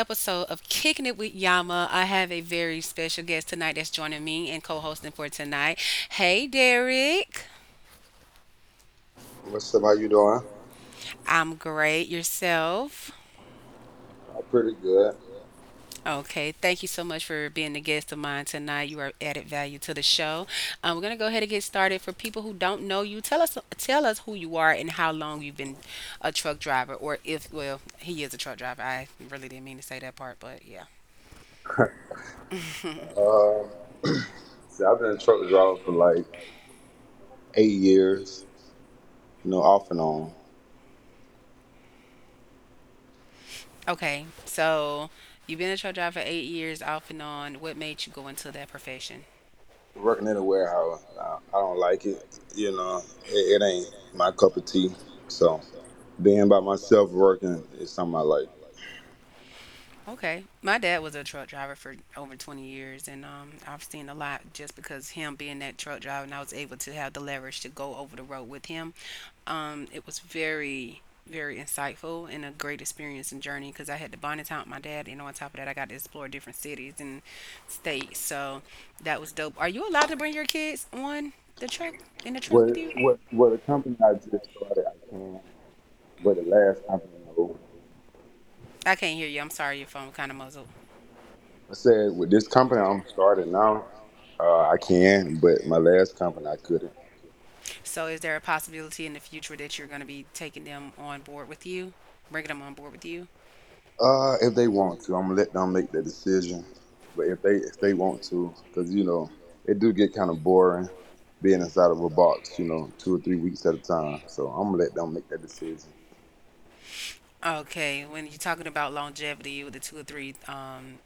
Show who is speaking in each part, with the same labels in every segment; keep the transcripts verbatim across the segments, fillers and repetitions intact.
Speaker 1: episode of Kicking It with Yama. I have a very special guest tonight that's joining me and co hosting for tonight. Hey, Derek.
Speaker 2: What's up? How you doing?
Speaker 1: I'm great. Yourself?
Speaker 2: I'm pretty good.
Speaker 1: Okay, thank you so much for being the guest of mine tonight. You are added value to the show. Um, we're gonna go ahead and get started. For people who don't know you, tell us tell us who you are and how long you've been a truck driver, or if, well, he is a truck driver. I really didn't mean to say that part, but yeah.
Speaker 2: Um, see, I've been a truck driver for like eight years, you know, off and on.
Speaker 1: Okay, so you've been at your job for eight years off and on. What made you go into that profession?
Speaker 2: Working in a warehouse, I, I don't like it. You know, it, it ain't my cup of tea. So being by myself working is something I like.
Speaker 1: Okay, my dad was a truck driver for over twenty years, and um, I've seen a lot just because him being that truck driver, and I was able to have the leverage to go over the road with him. Um, it was very, very insightful and a great experience and journey because I had to bond and out with my dad, and on top of that, I got to explore different cities and states. So that was dope. Are you allowed to bring your kids on the truck in the truck
Speaker 2: Well,
Speaker 1: with you?
Speaker 2: what what the company I just started, I can. But the last company, no.
Speaker 1: I can't hear you. I'm sorry, your phone kind of muzzled.
Speaker 2: I said with this company I'm starting now, uh, I can. But my last company, I couldn't.
Speaker 1: So, is there a possibility in the future that you're going to be taking them on board with you, bringing them on board with you?
Speaker 2: Uh, if they want to, I'm gonna let them make the decision. But if they if they want to, because you know it do get kind of boring being inside of a box, you know, two or three weeks at a time. So I'm gonna let them make that decision.
Speaker 1: Okay, when you're talking about longevity with the two or three um,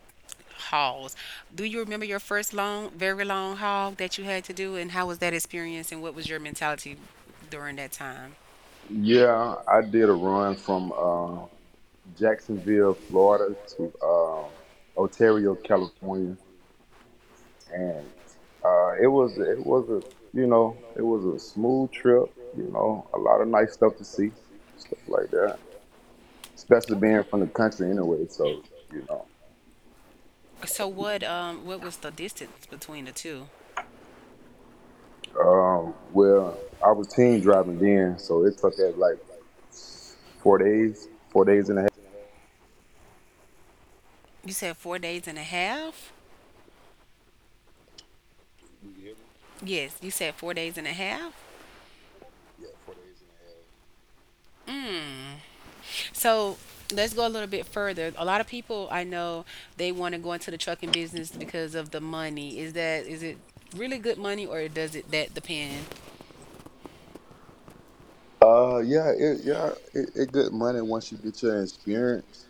Speaker 1: hauls, do you remember your first long, very long haul that you had to do, and how was that experience, and what was your mentality during that time?
Speaker 2: Yeah, I did a run from uh, Jacksonville, Florida, to um, Ontario, California, and uh, it was it was a you know it was a smooth trip. You know, a lot of nice stuff to see, stuff like that, especially
Speaker 1: Okay.
Speaker 2: being from the country anyway. So you know,
Speaker 1: So So what um what was the distance between the two?
Speaker 2: um, well, I was team driving then, so it took that like four days, four days and a half.
Speaker 1: You said four days and a half? Yes, you said four days and a half? Mm. So let's go a little bit further. A lot of people I know, they want to go into the trucking business because of the money. Is that is it really good money, or does it that depend?
Speaker 2: Uh, yeah, it yeah, it, it good money once you get your experience.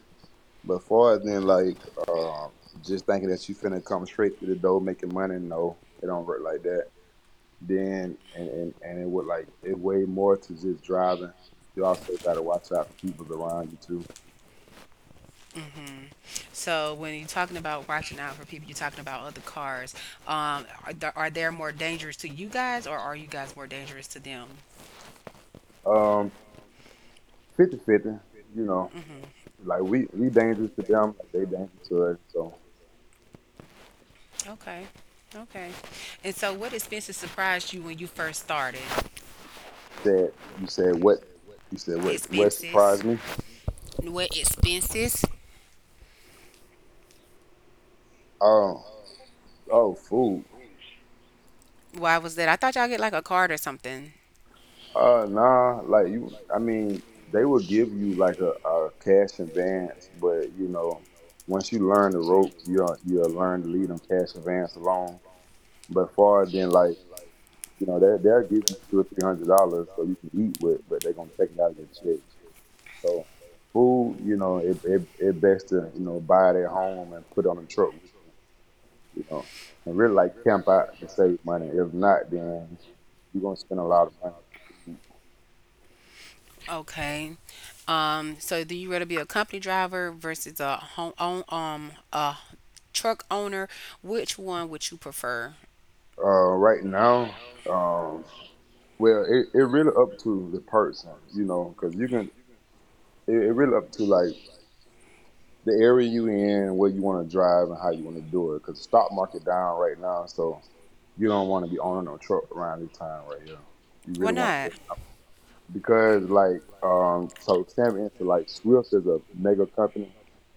Speaker 2: But far as then like um, just thinking that you finna come straight to the door making money, no, it don't work like that. Then and and, and it would like it way more to just driving. You also gotta watch out for people around you
Speaker 1: hmm So when you're talking about watching out for people, you're talking about other cars. Um, are, there, are they more dangerous to you guys, or are you guys more dangerous to them?
Speaker 2: too. Um, fifty fifty, you know, like we we dangerous to them, like they dangerous to us. So
Speaker 1: Okay. Okay. And so what expenses surprised you when you first started?
Speaker 2: said you said what you said what what
Speaker 1: Expenses.
Speaker 2: surprised me?
Speaker 1: What expenses?
Speaker 2: Oh oh food.
Speaker 1: Why was that? I thought y'all get like a card or something.
Speaker 2: Uh, nah, like you. I mean, they will give you like a, a cash advance, but you know, once you learn the rope, you'll you'll learn to leave them cash advance alone. But far then, like you know, they they'll give you two or three hundred dollars so you can eat with, but they're gonna take it out of your check. So food, you know, it it, it best to you know buy it at home and put on the truck with you, you know, and really like camp out and save money. If not, then you're gonna spend a lot of money on food.
Speaker 1: Okay. Um, so do you rather be a company driver versus a home own um a truck owner? Which one would you prefer?
Speaker 2: Uh, right now, um, well, it, it really up to the person, you know, because you can. It, it really up to like the area you in, where you want to drive, and how you want to do it. Because the stock market down right now, so you don't want to be owning no truck around this time right here. You
Speaker 1: Why
Speaker 2: really want
Speaker 1: not?
Speaker 2: to because like um, so Sam into like Swift is a mega company,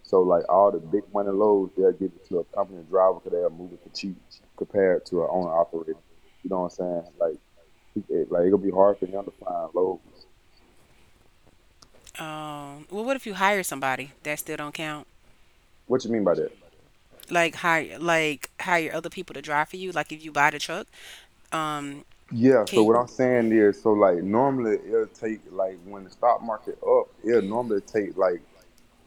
Speaker 2: so like all the big money loads they'll give it to a company driver because they'll move it for cheap compared to an owner operator. You know what I'm saying? Like he, it- like it'll be hard for him to find loads.
Speaker 1: Um, well, what if you hire somebody? That still don't count?
Speaker 2: What you mean by that?
Speaker 1: Like hire like hire other people to drive for you. Like if you buy the truck, um,
Speaker 2: Yeah, so
Speaker 1: can,
Speaker 2: what I'm saying is, so like normally it'll take like when the stock market up, it'll normally take like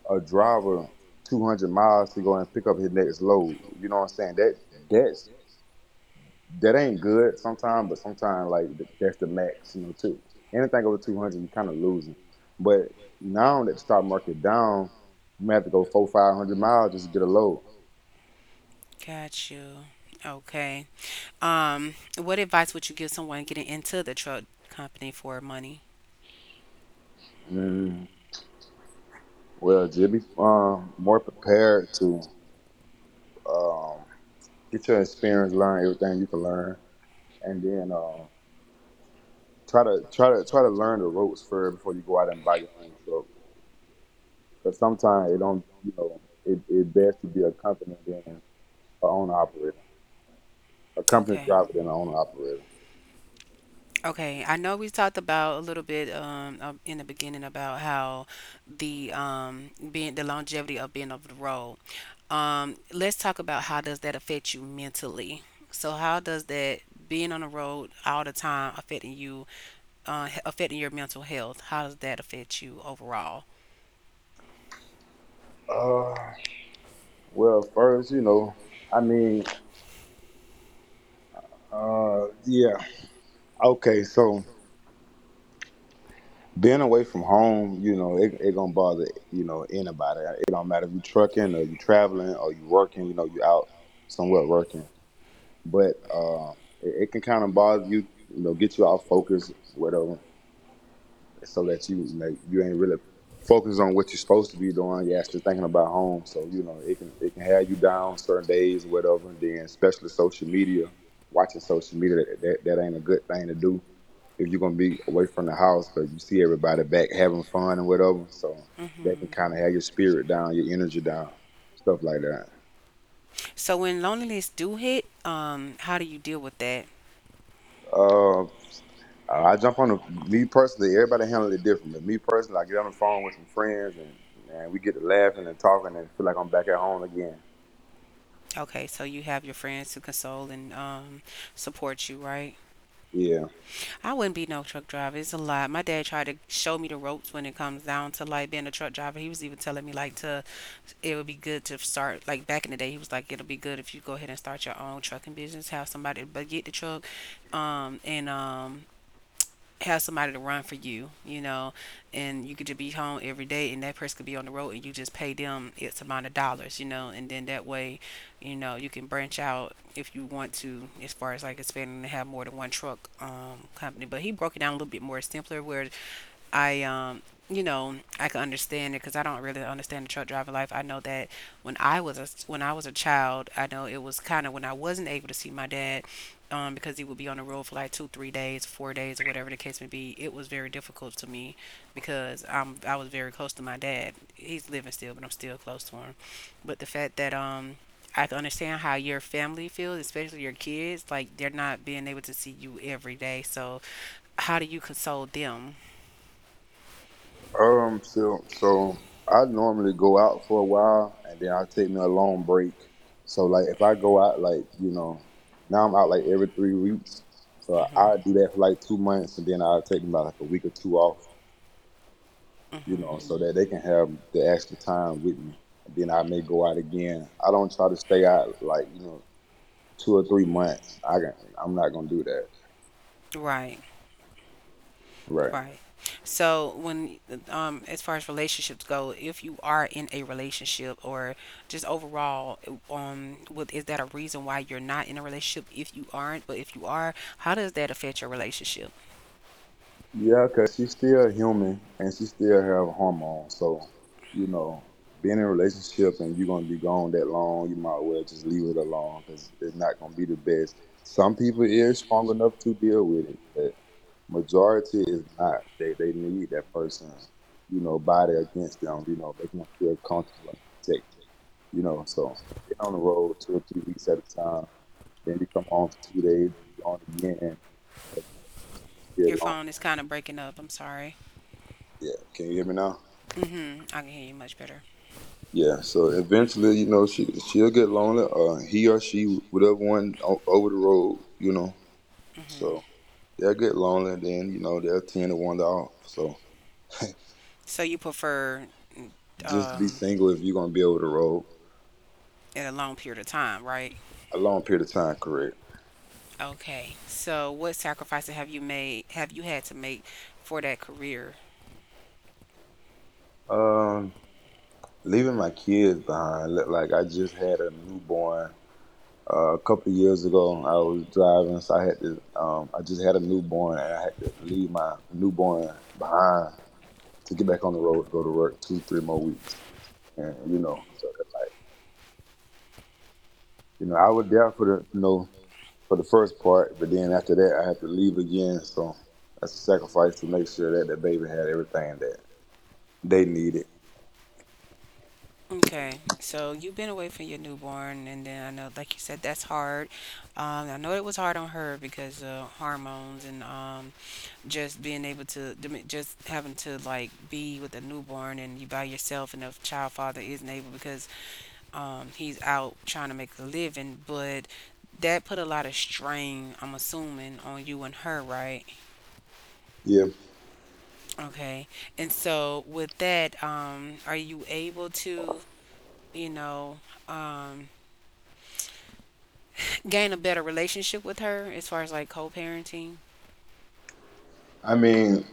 Speaker 2: a driver two hundred miles to go and pick up his next load. You know what I'm saying? That that's that ain't good sometimes, but sometimes like that's the max, you know, too. Anything over two hundred, you're kind of losing. But now that the stock market down, you may have to go four, five hundred miles just to get a load.
Speaker 1: got you. Okay. Um, what advice would you give someone getting into the truck company for money?
Speaker 2: Mm. Well, just be um, more prepared to um, get your experience, learn everything you can learn, and then um, try to try to try to learn the ropes first before you go out and buy your own truck. Because sometimes it don't, you know, it it best to be a company than an owner operator, a company
Speaker 1: Okay.
Speaker 2: driver than an owner operator.
Speaker 1: Okay, I know we talked about a little bit um um, in the beginning about how the um being the longevity of being off the road. Um, let's talk about, how does that affect you mentally? So how does that being on the road all the time affecting you, uh, h- affecting your mental health? How does that affect you overall?
Speaker 2: Uh, well, first, you know, I mean, uh, yeah, okay, so, being away from home, you know, it, it gonna bother you know anybody. It don't matter if you trucking or you traveling or you working. You know, you out somewhere working, but uh, it, it can kind of bother you. You know, get you off focus, whatever so that you like you ain't really focused on what you're supposed to be doing. You're actually thinking about home. So you know it can it can have you down certain days or whatever. And then especially social media, watching social media that that, that ain't a good thing to do if you're gonna be away from the house because you see everybody back having fun and whatever. So that can kind of have your spirit down, your energy down, stuff like that.
Speaker 1: So when loneliness do hit, um, how do you deal with that?
Speaker 2: Uh, Uh, I jump on the, me personally. Everybody handle it differently. Me personally, I get on the phone with some friends and, and we get to laughing and talking and feel like I'm back at home again.
Speaker 1: Okay, so you have your friends to console and um, support you, right?
Speaker 2: Yeah.
Speaker 1: I wouldn't be no truck driver. It's a lot. My dad tried to show me the ropes when it comes down to like being a truck driver. He was even telling me like to, it would be good to start, like back in the day he was like, it'll be good if you go ahead and start your own trucking business, have somebody, but get the truck um and um have somebody to run for you, you know, and you could just be home every day, and that person could be on the road and you just pay them its amount of dollars, you know, and then that way, you know, you can branch out if you want to, as far as like expanding to have more than one truck um company. But he broke it down a little bit more simpler where I um you know I can understand it, because I don't really understand the truck driver life. I know that when I was a when I was a child, I know it was kind of, when I wasn't able to see my dad, um, because he would be on the road for like two, three days, four days, or whatever the case may be. It was very difficult to me because I'm I was very close to my dad. He's living still, but I'm still close to him. But the fact that um I can understand how your family feels, especially your kids, like they're not being able to see you every day. So how do you console them?
Speaker 2: Um. So so I normally go out for a while and then I take me a long break. So like if I go out like you know now I'm out like every three weeks. So I I
Speaker 1: Hmm.
Speaker 2: do that for like two months and then I'll take me about like a week or two off. You know
Speaker 1: Hmm.
Speaker 2: so that they can have the extra time with me. And then I may go out again. I don't try to stay out like you know two or three months. I can, I'm not gonna do that.
Speaker 1: Right.
Speaker 2: Right.
Speaker 1: Right. So when um as far as relationships go, if you are in a relationship, or just overall, um what is that a reason why you're not in a relationship if you aren't, but if you are, how does that affect your relationship?
Speaker 2: Yeah, cause she's still human and she still have hormones. So, you know, being in a relationship and you're gonna be gone that long, you might well just leave it alone because it's not gonna be the best. Some people is strong enough to deal with it, but majority is not. They they need that person, you know, body against them, you know, making them feel comfortable and protected. You know, so been on the road two or three weeks at a time. Then you come home for two days, and you gone again. Eventually, she gonna
Speaker 1: Your
Speaker 2: get lonely.
Speaker 1: phone is kind of breaking up. I'm sorry.
Speaker 2: Yeah, can you hear me now?
Speaker 1: Mhm. I can hear you much better.
Speaker 2: Yeah, so eventually, you know, she she'll get lonely. Uh, he or she, whatever one o- over the road, you know. So
Speaker 1: Mhm.
Speaker 2: they'll get lonely, and then you know they'll tend to wander off. So
Speaker 1: So you prefer
Speaker 2: just be
Speaker 1: um
Speaker 2: single if you're gonna be over the road
Speaker 1: in a long period of time, right?
Speaker 2: a long period of time. Correct.
Speaker 1: Okay. So what sacrifices have you made have you had to make for that career?
Speaker 2: Um, leaving my kids behind. li- Like I just had a newborn. Uh, a couple of years ago, I was driving, so I had to. Um, I just had a newborn, and I had to leave my newborn behind to get back on the road, go to work two, three more weeks, and you know, so that, like, you know, I was there for the, you know, for the first part, but then after that, I had to leave again. So that's a sacrifice to make sure that the baby had everything that they needed.
Speaker 1: Okay, so you've been away from your newborn, and then I know, like you said, that's hard. Um, I know it was hard on her because of hormones and um, just being able to, I mean, just having to like be with a newborn and you by yourself, and the child father isn't able because um, he's out trying to make a living. But that put a lot of strain, I'm assuming, on you and her, right?
Speaker 2: Yeah,
Speaker 1: Okay, and so with that, um, are you able to, you know, um, gain a better relationship with her as far as like co-parenting?
Speaker 2: I mean,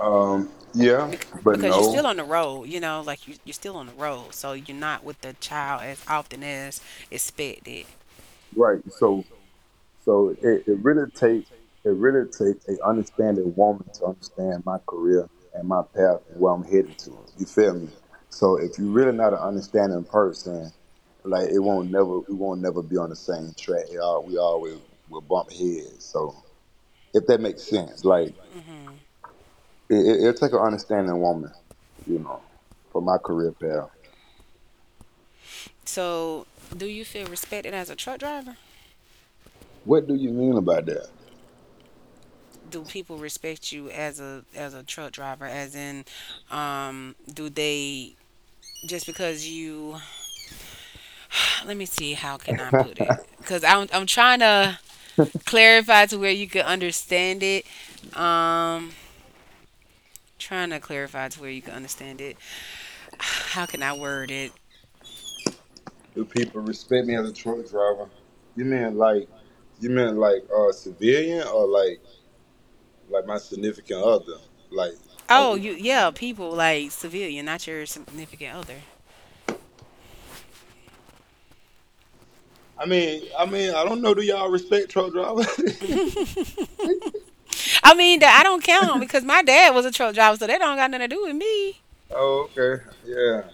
Speaker 2: um, yeah,
Speaker 1: Bec-
Speaker 2: but
Speaker 1: because you're still
Speaker 2: no,
Speaker 1: on the road, you know like you, you're still on the road, so you're not with the child as often as expected.
Speaker 2: right? So So it, it really take it really take a understanding woman to understand my career and my path and where I'm heading to. You feel me? So if you're really not an understanding person, like it won't never we won't never be on the same track. It all- We always will bump heads. So if that makes sense, like
Speaker 1: Hmm.
Speaker 2: it, it, it'll take an understanding woman, you know, for my career path.
Speaker 1: So do you feel respected as a truck driver?
Speaker 2: What do you mean about that?
Speaker 1: Do people respect you as a as a truck driver, as in, um do they? Just because you, let me see, how can I put it? Because I'm, I'm trying to clarify to where you can understand it. Um, Trying to clarify to where you can understand it. How can I word it?
Speaker 2: Do people respect me as a truck driver? You mean like, you mean like uh, civilian or like like my significant other? Like, are
Speaker 1: Oh,
Speaker 2: we-
Speaker 1: you yeah, people like civilian, not your significant other.
Speaker 2: I mean, I mean, I don't know. Do y'all respect truck drivers?
Speaker 1: I mean, that I don't count because my dad was a truck driver, so that don't got nothing to do with me.
Speaker 2: Oh, okay, yeah.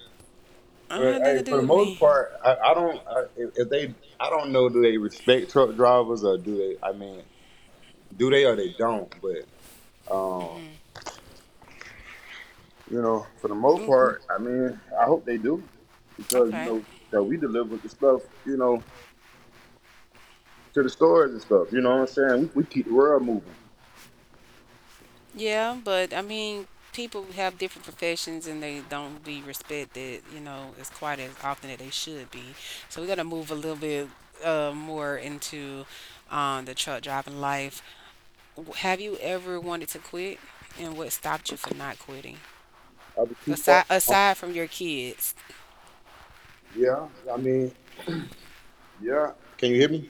Speaker 1: I don't
Speaker 2: But
Speaker 1: have
Speaker 2: hey,
Speaker 1: nothing to
Speaker 2: for
Speaker 1: do
Speaker 2: the
Speaker 1: with
Speaker 2: most
Speaker 1: me.
Speaker 2: part, I, I don't. I, if if they, I don't know. Do they respect truck drivers or do they? I mean, do they or they don't? But um, you know, for the most
Speaker 1: Mm,
Speaker 2: part, I mean, I hope they do because you
Speaker 1: okay.
Speaker 2: know that we deliver the stuff. You know, to the stores and stuff. You know what I'm saying? We, we keep the world moving.
Speaker 1: Yeah, but I mean, people have different professions and they don't be respected, you know, as quite as often as they should be. So we got to move a little bit uh, more into um, the truck driving life. W- have you ever wanted to quit, and what stopped you from not quitting?
Speaker 2: I was too far
Speaker 1: Aside
Speaker 2: from home.
Speaker 1: aside from your kids,
Speaker 2: Yeah, I mean, yeah. Can you hear me?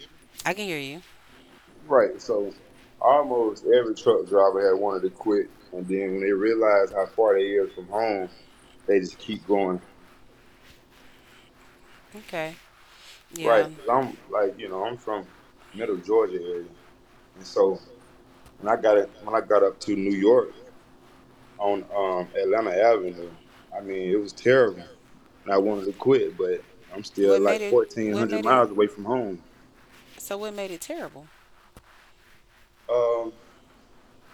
Speaker 1: I can hear you.
Speaker 2: Right. So almost every truck driver had wanted to quit, and then when they realize how far they is from home, they just keep going.
Speaker 1: Okay,
Speaker 2: Right.
Speaker 1: yeah.
Speaker 2: Cause I'm like, you know, I'm from middle Georgia area, and so when I got it, when I got up to New York on um, Atlanta Avenue, I mean, it was terrible. And I wanted to quit, but I'm still
Speaker 1: What
Speaker 2: like
Speaker 1: made it? What
Speaker 2: fourteen hundred
Speaker 1: made it?
Speaker 2: miles away from home.
Speaker 1: So what made it terrible?
Speaker 2: Um,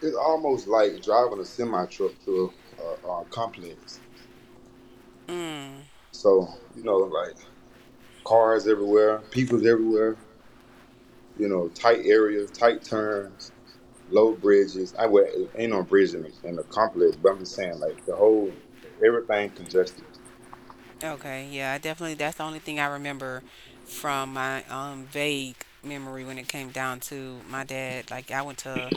Speaker 2: it's almost like driving a semi truck through a, a complex.
Speaker 1: Mm.
Speaker 2: So you know, like cars everywhere, people's everywhere. You know, tight areas, tight turns, low bridges. I well, it ain't no bridge in the, in the complex, but I'm just saying, like the whole everything congested.
Speaker 1: Okay, yeah. I definitely. That's the only thing I remember from my um vague memory when it came down to my dad. Like I went to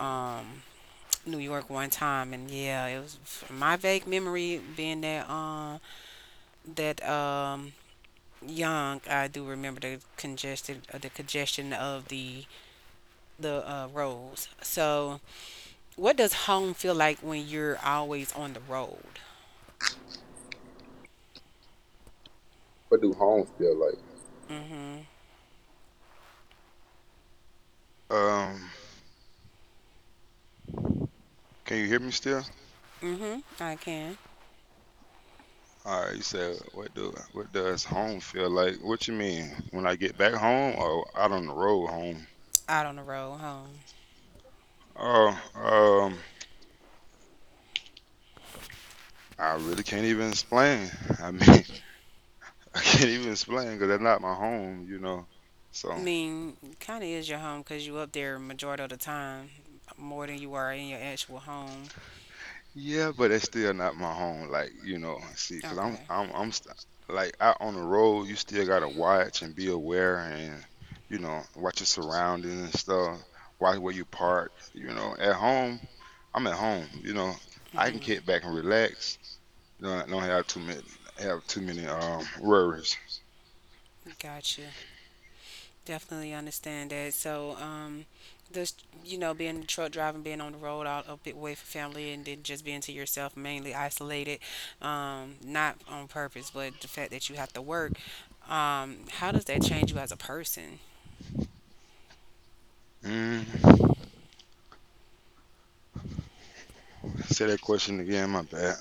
Speaker 1: um New York one time, and yeah, it was from my vague memory being that um that um young. I do remember the congested, uh, the congestion of the the uh, roads. So, what does home feel like when you're always on the road?
Speaker 2: What do homes feel like?
Speaker 1: Mhm.
Speaker 3: Um, can you hear me still?
Speaker 1: Mhm. I can.
Speaker 3: All right, you said what do what does home feel like? What you mean? When I get back home or out on the road home?
Speaker 1: Out on the road, home,
Speaker 3: Oh, um, I really can't even explain. I mean, I can't even explain because that's not my home, you know.
Speaker 1: I
Speaker 3: So.
Speaker 1: mean, kind of is your home because you up there majority of the time, more than you are in your actual home.
Speaker 3: Yeah, but it's still not my home. Like, you know, see, because I'm,
Speaker 1: Okay.
Speaker 3: I'm, I'm st like out on the road, you still gotta watch and be aware and, you know, watch your surroundings and stuff, watch where you park. You know, at home, I'm at home. You know, I can
Speaker 1: Mhm.
Speaker 3: kick back and relax. You know, I don't have too many, have too many um worries.
Speaker 1: Got you. Definitely understand that. So, um, just you know, being in the truck driving, being on the road, all a bit away from family, and then just being to yourself, mainly isolated, um, not on purpose, but the fact that you have to work. Um, how does that change you as a person?
Speaker 3: Mm, Say that question again, my bad.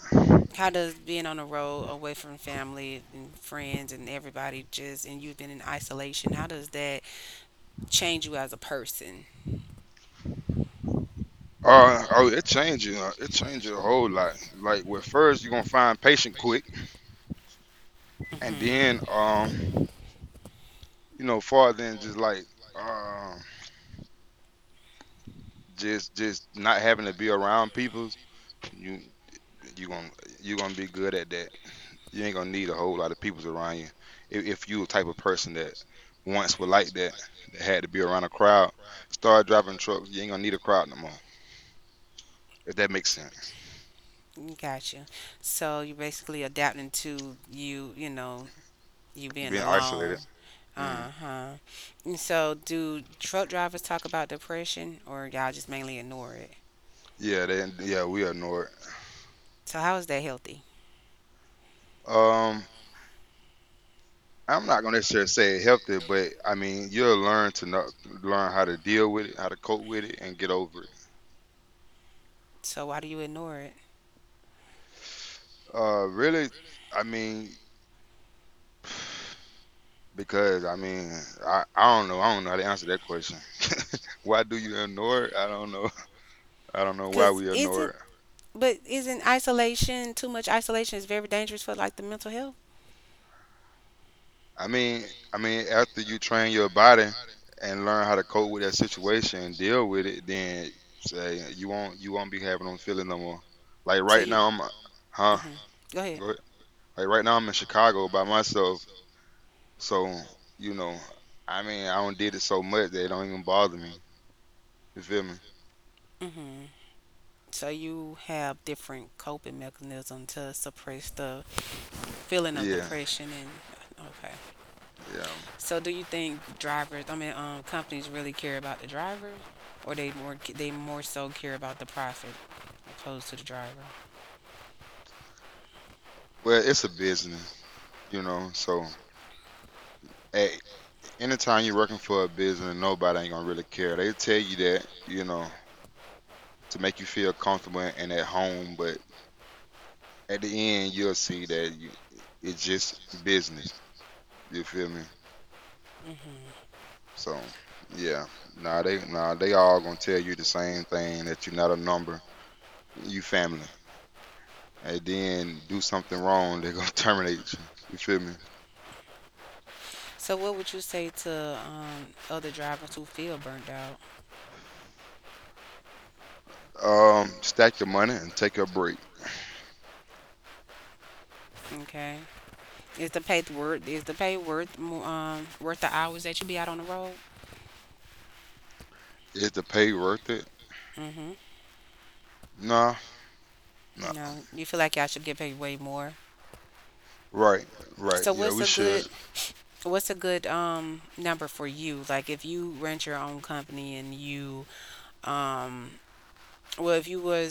Speaker 1: How does being on the road, away from family and friends and everybody, just and you've been in isolation, how does that change you as a person?
Speaker 3: Uh, oh, it changes. uh, It changes a whole lot. Like, with first, you're gonna find patient quick. And then,
Speaker 1: Mm-hmm.
Speaker 3: um, you know, far than just like, uh, just just not having to be around people, you you gonna you gonna be good at that. You ain't gonna need a whole lot of peoples around you. If, if you a type of person that once was like that, that had to be around a crowd, start driving trucks. You ain't gonna need a crowd no more. If that makes sense.
Speaker 1: Gotcha. So you're basically adapting to you, you know, You being
Speaker 3: Being
Speaker 1: alone.
Speaker 3: isolated. Mm.
Speaker 1: Uh huh. And so, do truck drivers talk about depression, or y'all just mainly ignore it?
Speaker 3: Yeah. They, yeah. We are ignored.
Speaker 1: So, how is that healthy?
Speaker 3: Um. I'm not gonna necessarily say it healthy, but I mean you'll learn to know, learn how to deal with it, how to cope with it, and get over it.
Speaker 1: So, why do you ignore it?
Speaker 3: Uh, really, I mean because I mean I, I don't know I don't know how to answer that question. Why do you ignore it? I don't know. I don't know why
Speaker 1: Cause
Speaker 3: we ignore
Speaker 1: isn't,
Speaker 3: it.
Speaker 1: but isn't isolation too much? Isolation is very dangerous for like the mental health.
Speaker 3: I mean I mean after you train your body and learn how to cope with that situation and deal with it, then say you won't you won't be having them feeling no more. Like
Speaker 1: So
Speaker 3: right
Speaker 1: you,
Speaker 3: now I'm, huh?
Speaker 1: mhm, go ahead.
Speaker 3: Go ahead. Like right now, I'm in Chicago by myself, so you know, I mean, I don't did it so much that it don't even bother me. You feel me?
Speaker 1: hmm So you have different coping mechanisms to suppress the feeling of
Speaker 3: Yeah,
Speaker 1: depression and, okay.
Speaker 3: yeah.
Speaker 1: So do you think drivers, I mean, um, companies really care about the driver, or they more they more so care about the profit opposed to the driver?
Speaker 3: Well, it's a business, you know. So, at anytime you're working for a business, nobody ain't gonna really care. They tell you that, you know, to make you feel comfortable and at home, but at the end, you'll see that you, it's just business. You feel me?
Speaker 1: Hmm.
Speaker 3: So, yeah. Nah, they nah, they all gonna tell you the same thing that you're not a number. You family. And then do something wrong, they're gonna terminate you. You feel me?
Speaker 1: So what would you say to um, other drivers who feel burnt out?
Speaker 3: Um, stack your money and take a break.
Speaker 1: Okay, is the pay worth is the pay worth mo- um, worth the hours that you be out on the road?
Speaker 3: Is the pay worth it?
Speaker 1: Hmm.
Speaker 3: Nah, nah.
Speaker 1: No, you feel like y'all should get paid way more.
Speaker 3: Right, right.
Speaker 1: So
Speaker 3: Yeah,
Speaker 1: what's
Speaker 3: we
Speaker 1: a
Speaker 3: should.
Speaker 1: good what's a good um number for you? Like if you rent your own company and you um Well, if you was,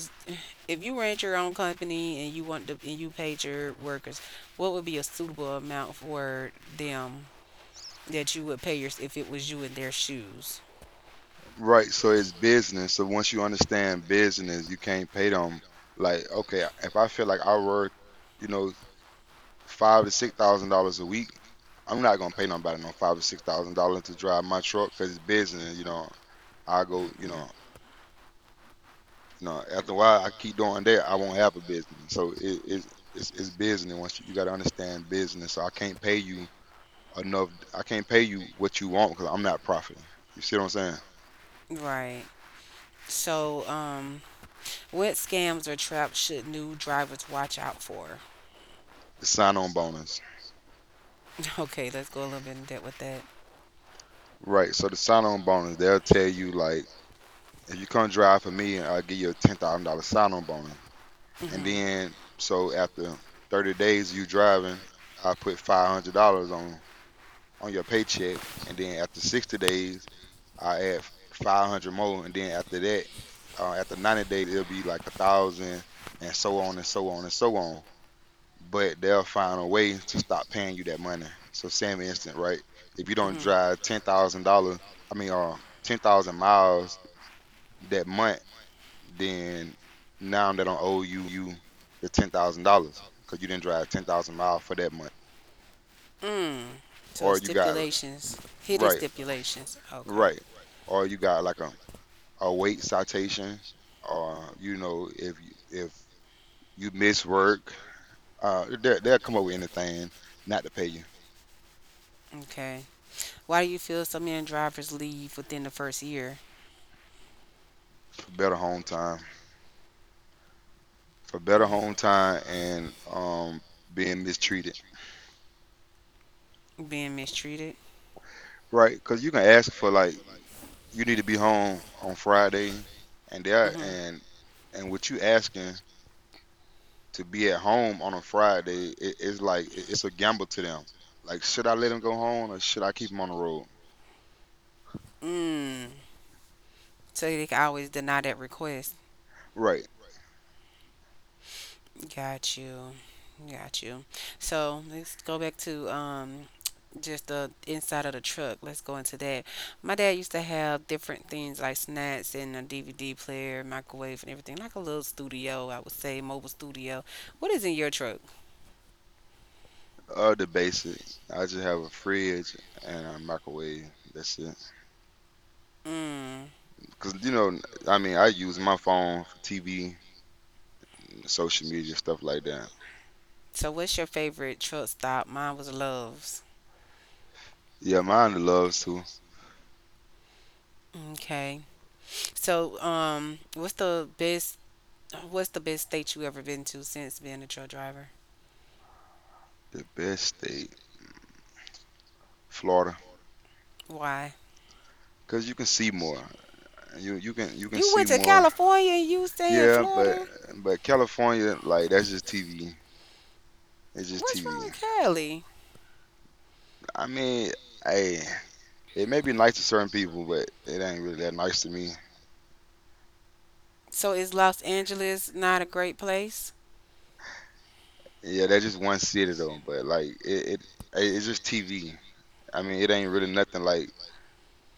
Speaker 1: if you ran your own company and you want to, and you paid your workers, what would be a suitable amount for them that you would pay your, if it was you in their shoes?
Speaker 3: Right. So it's business. So once you understand business, you can't pay them like, okay, if I feel like I work, you know, five to six thousand dollars a week, I'm not gonna pay nobody no five or six thousand dollars to drive my truck because it's business. You know, I go. You know, No, after a while, I keep doing that. I won't have a business. So it, it's it's it's business. Once you, you got to understand business. So I can't pay you enough. I can't pay you what you want because I'm not profiting. You see what I'm saying?
Speaker 1: Mm. Right. So, um, what scams or traps should new drivers watch out for?
Speaker 3: The sign-on bonus,
Speaker 1: Okay, let's go a little bit in depth with that.
Speaker 3: right? So the sign-on bonus, they'll tell you like, if you come drive for me, I'll give you a ten thousand dollar sign-on bonus. And
Speaker 1: Mm-hmm.
Speaker 3: then so after thirty days you driving, I put five hundred dollars on. on your paycheck, and then after sixty days, I add five hundred more, and then after that, uh, after ninety days, it'll be like a thousand, and so on and so on and so on. But they'll find a way to stop paying you that money. So, same instant, right? If you don't drive ten thousand dollars, I mean, uh, ten thousand miles that month, then now they don't owe you the ten thousand dollars because you didn't drive ten thousand miles for that month,
Speaker 1: Mm. So
Speaker 3: or you got
Speaker 1: stipulations, hidden
Speaker 3: right,
Speaker 1: stipulations. Okay.
Speaker 3: right, or you got like a a weight citation, or you know, if you, if you miss work, uh, they, they'll come up with anything not to pay you
Speaker 1: Okay. Why do you feel so many drivers leave within the first year?
Speaker 3: for better home time, for better home time, and um, being mistreated,
Speaker 1: mm, Being mistreated.
Speaker 3: right? Because you can ask for like you need to be home on Friday, and they
Speaker 1: Mm-hmm.
Speaker 3: and and with you asking to be at home on a Friday, it, it's like it- it's a gamble to them. Like, should I let him go home or should I keep him on the road?
Speaker 1: Mm. So they can always deny that request.
Speaker 3: Right.
Speaker 1: Got you. Got you. So let's go back to um just the inside of the truck. Let's go into that. My dad used to have different things like snacks and a D V D player, microwave, and everything, like a little studio, I would say, mobile studio. What is in your truck?
Speaker 3: Uh, the basic. I just have a fridge and a microwave. That's it.
Speaker 1: Mm.
Speaker 3: Cause you know, I mean, I use my phone for T V, social media, stuff like that.
Speaker 1: So what's your favorite truck stop? Mine was Love's.
Speaker 3: Yeah, mine loves too.
Speaker 1: Okay. So um, what's the best What's the best state you ever been to since being a truck driver?
Speaker 3: The best state, Florida,
Speaker 1: Why?
Speaker 3: cause you can see more. You you can you can
Speaker 1: You
Speaker 3: see
Speaker 1: went to
Speaker 3: more.
Speaker 1: California and you stay in
Speaker 3: Yeah, but
Speaker 1: Florida?
Speaker 3: but California, like that's just T V. It's just
Speaker 1: What's wrong
Speaker 3: T V.
Speaker 1: with Cali?
Speaker 3: I mean, hey, it may be nice to certain people, but it ain't really that nice to me.
Speaker 1: So is Los Angeles not a great place?
Speaker 3: Yeah, that's just one city though. But like, it it- hey, it's just T V. I mean, it ain't really nothing like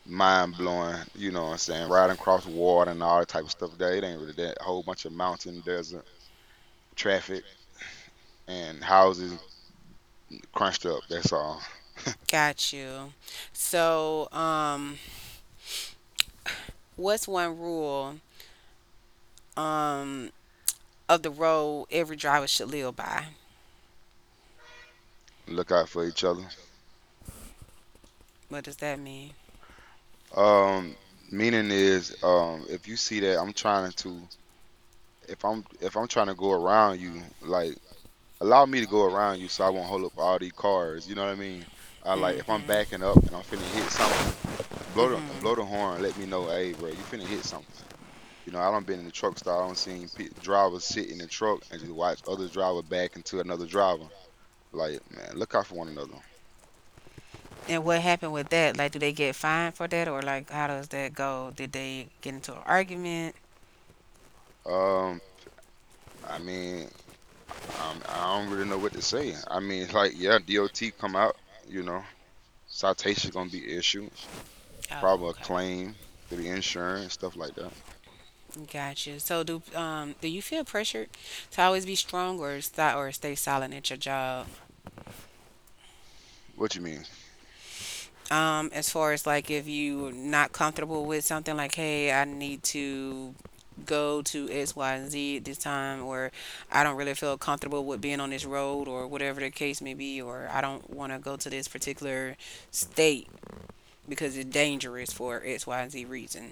Speaker 3: mind blowing, you know what I'm saying? Riding across water and all that type of stuff there. It ain't really that a whole bunch of mountain, desert, traffic, and houses crunched up. That's all.
Speaker 1: Got you. So, um, what's one rule um of the road every driver should live by?
Speaker 3: Look out for each other.
Speaker 1: What does that mean?
Speaker 3: Um, meaning is, um, if you see that I'm trying to, if I'm if I'm trying to go around you, like allow me to go around you so I won't hold up all these cars. You know what I mean? I like if I'm backing
Speaker 1: Mm-hmm.
Speaker 3: up and I'm finna hit something, blow the blow
Speaker 1: Mm-hmm.
Speaker 3: the horn, let me know, hey bro, you finna hit something. You know, I don't been in the truck stop. I don't seen pe drivers sit in the truck and just watch other driver back into another driver. Like, man, look out for one another.
Speaker 1: And what happened with that? Like, do they get fined for that, or like, how does that go? Did they get into an argument?
Speaker 3: Um, I mean, um, I don't really know what to say. I mean, like, yeah, D O T come out. You know, citation gonna be issued,
Speaker 1: Oh,
Speaker 3: probably a
Speaker 1: okay.
Speaker 3: claim to the insurance, stuff like that.
Speaker 1: Gotcha. So do um do you feel pressured to always be strong or stop or stay silent at your job?
Speaker 3: What you mean?
Speaker 1: Um, as far as like if you're not comfortable with something like, hey, I need to go to X, Y, and Z at this time, or I don't really feel comfortable with being on this road or whatever the case may be, or I don't want to go to this particular state because it's dangerous for X, Y, and Z reason.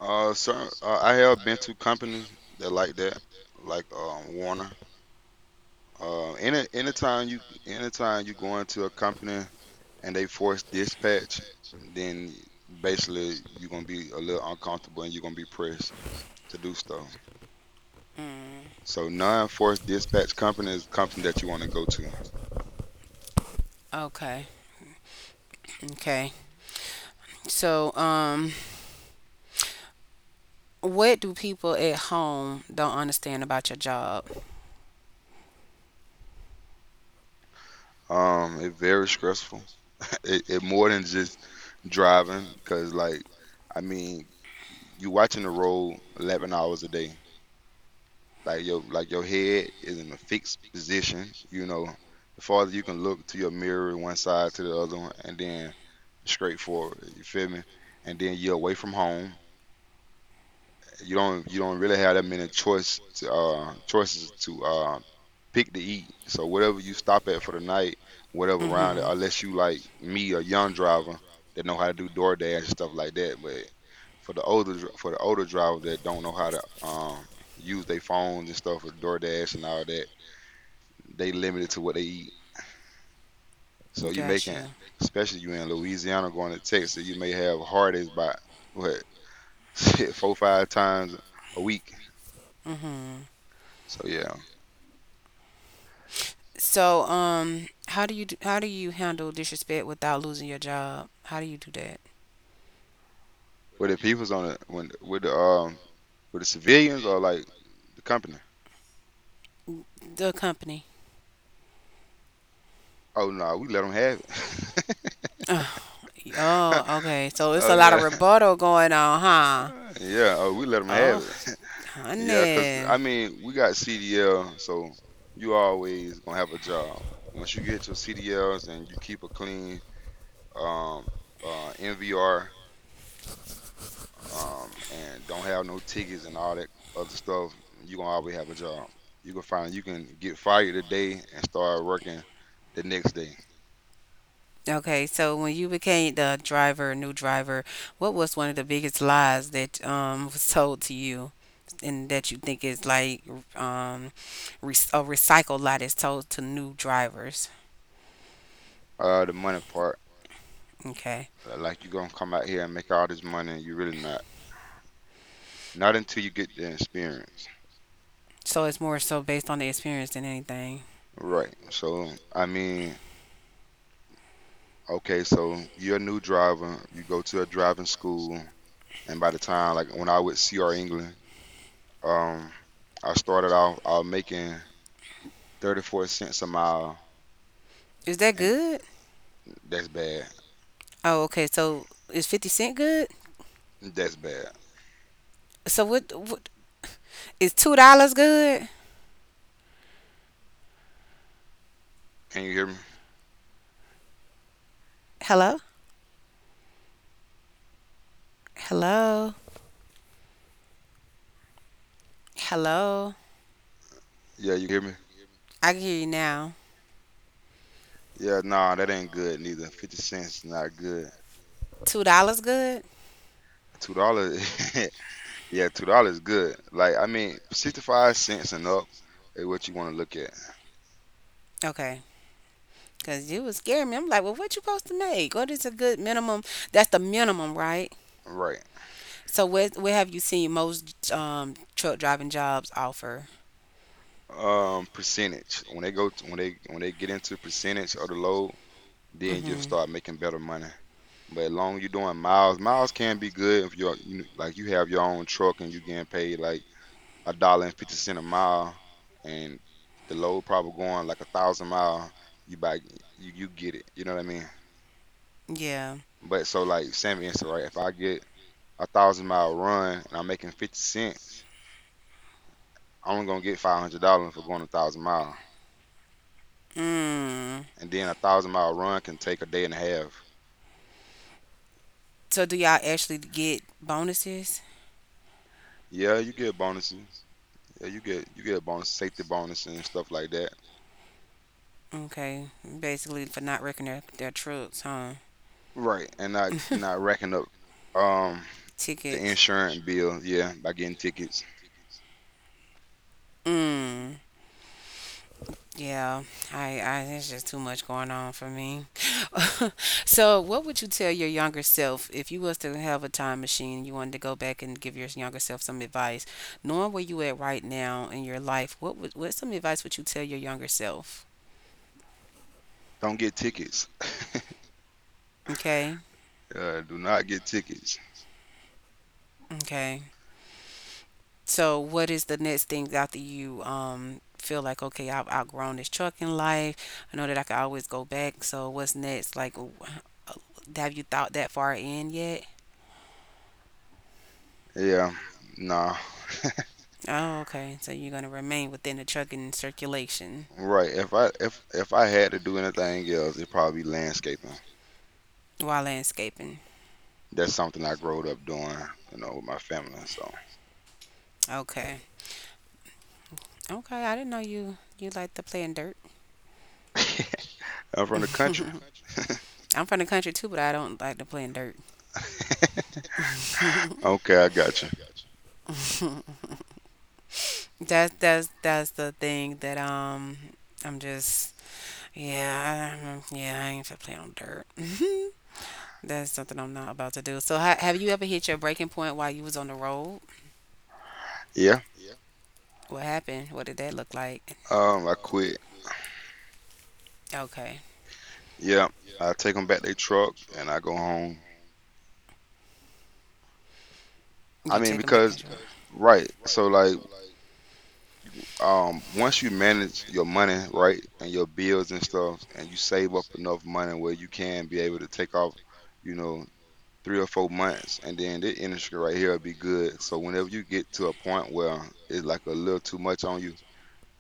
Speaker 3: Uh, certain, uh, I have been to companies that like that, like um Warner. Uh, any anytime you anytime you go into a company and they force dispatch, then basically you're gonna be a little uncomfortable and you're gonna be pressed to do so.
Speaker 1: Mm,
Speaker 3: So non-forced dispatch company is a company that you want to go to.
Speaker 1: okay. Okay. So, um what do people at home don't understand about your job?
Speaker 3: Um, it's very stressful. It, it more than just driving because like I mean you watching the road eleven hours a day like your like your head is in a fixed position. You know, the farther you can look to your mirror, one side to the other, and then straight forward. You feel me? And then you're away from home. You don't you don't really have that many choice to, uh, choices to uh, pick to eat. So whatever you stop at for the night, whatever round,
Speaker 1: Mm-hmm.
Speaker 3: unless you like me, a young driver that know how to do DoorDash and stuff like that. But for the older dr- for the older drivers that don't know how to um, use their phones and stuff with DoorDash and all that, they limited to what they eat. So you
Speaker 1: Got
Speaker 3: making,
Speaker 1: you.
Speaker 3: especially you in Louisiana going to Texas, you may have heartaches by what shit, four five times a week.
Speaker 1: Mm-hmm.
Speaker 3: So yeah.
Speaker 1: So, um, how do you do, how do you handle disrespect without losing your job? How do you do that?
Speaker 3: Were the people's on the when with the um with the civilians or like the company?
Speaker 1: The company.
Speaker 3: Oh no, we let them have it.
Speaker 1: Ugh. Oh, okay. So it's
Speaker 3: Oh
Speaker 1: a lot of
Speaker 3: yeah,
Speaker 1: rebuttal going on, huh?
Speaker 3: yeah. Oh, we let them have
Speaker 1: Oh,
Speaker 3: it. Yeah, cause
Speaker 1: honey.
Speaker 3: I mean we got C D L, so you always gonna have a job. Once you get to C D Ls and you keep a clean um uh N V R um and don't have no tickets and all that other stuff, you gonna always have a job. You can find you can get fired today and start working the next day.
Speaker 1: Okay, so when you became the driver, new driver, what was one of the biggest lies that um was told to you and that you think is like um re- a recycled lot is sold to new drivers.
Speaker 3: Uh, the money part,
Speaker 1: Okay.
Speaker 3: uh, like you gonna come out here and make all this money, and you really not. Not until you get the experience,
Speaker 1: So it's more so based on the experience than anything.
Speaker 3: right? So, I mean, okay, so you're a new driver. You go to a driving school, and by the time, like when I was C R England, um, I started off I was making thirty-four cents a mile,
Speaker 1: Is that
Speaker 3: and
Speaker 1: good?
Speaker 3: that's bad.
Speaker 1: Oh, okay. So is fifty cent good?
Speaker 3: That's bad.
Speaker 1: So what, what is two dollars good?
Speaker 3: Can you hear me?
Speaker 1: Hello? Hello? Hello?
Speaker 3: Yeah, you can hear me.
Speaker 1: I can hear you now.
Speaker 3: Yeah, nah, that ain't good neither. fifty cents is not good.
Speaker 1: two dollars good?
Speaker 3: Two dollars. Yeah, two dollars good. Like I mean, sixty-five cents and up is what you want to look at,
Speaker 1: Okay. Cause you was scaring me. I'm like, well, what you supposed to make? What is a good minimum? That's the minimum, right?
Speaker 3: right?
Speaker 1: So, where where have you seen most um, truck driving jobs offer?
Speaker 3: Um, percentage. When they go to, when they when they get into percentage of the load, then you'll
Speaker 1: Hmm.
Speaker 3: start making better money. But as long as you're doing miles, miles can be good if you're you know, like you have your own truck and you're getting paid like a dollar and fifty cent a mile, and the load probably going like a thousand mile. You buy you you get it. You know what I mean?
Speaker 1: Yeah.
Speaker 3: But so like same answer, right? If I get a thousand mile run and I'm making fifty cents, I'm only gonna get five hundred dollars for going a thousand mile.
Speaker 1: Mm.
Speaker 3: And then a thousand mile run can take a day and a half.
Speaker 1: So do y'all actually get bonuses?
Speaker 3: Yeah, you get bonuses. Yeah, you get you get a bonus, safety bonus and stuff like that.
Speaker 1: Okay, basically for not wrecking their, their trucks, huh?
Speaker 3: Right. And not not racking up um the
Speaker 1: Tickets.
Speaker 3: insurance bill, yeah, by getting tickets.
Speaker 1: Mm. Yeah, I, I, it's just too much going on for me. So, what would you tell your younger self if you was to have a time machine, you wanted to go back and give your younger self some advice, knowing where you at right now in your life? What would, what some advice would you tell your younger self?
Speaker 3: Don't get tickets.
Speaker 1: Okay,
Speaker 3: Uh, do not get tickets.
Speaker 1: okay. So, what is the next thing after you um feel like okay, I've outgrown this trucking life. I know that I can always go back. So, what's next? Like, w- uh, have you thought that far in yet?
Speaker 3: Yeah, nah.
Speaker 1: Oh, okay. So you're gonna remain within the trucking circulation
Speaker 3: Right. If I if if I had to do anything else, it'd probably be landscaping.
Speaker 1: while landscaping.
Speaker 3: That's something I growed up doing, you know, with my family. So
Speaker 1: Okay. Okay. I didn't know you you like to play in dirt.
Speaker 3: I'm from the country.
Speaker 1: I'm from the country too, but I don't like to play in dirt.
Speaker 3: Okay, I got you.
Speaker 1: That's that's that's the thing that um I'm just Yeah, I, yeah, I ain't to play on dirt. That's something I'm not about to do. So, ha have you ever hit your breaking point while you was on the road?
Speaker 3: Yeah.
Speaker 1: What happened? What did that look like?
Speaker 3: Um, I quit.
Speaker 1: Okay,
Speaker 3: Yeah. I take them back their truck and I go home. I
Speaker 1: you
Speaker 3: mean,
Speaker 1: took him back to
Speaker 3: because
Speaker 1: shore.
Speaker 3: right. So like, um, once you manage your money, right, and your bills and stuff, and you save up enough money where you can be able to take off, you know, three or four months, and then this industry right here will be good. So whenever you get to a point where it's like a little too much on you.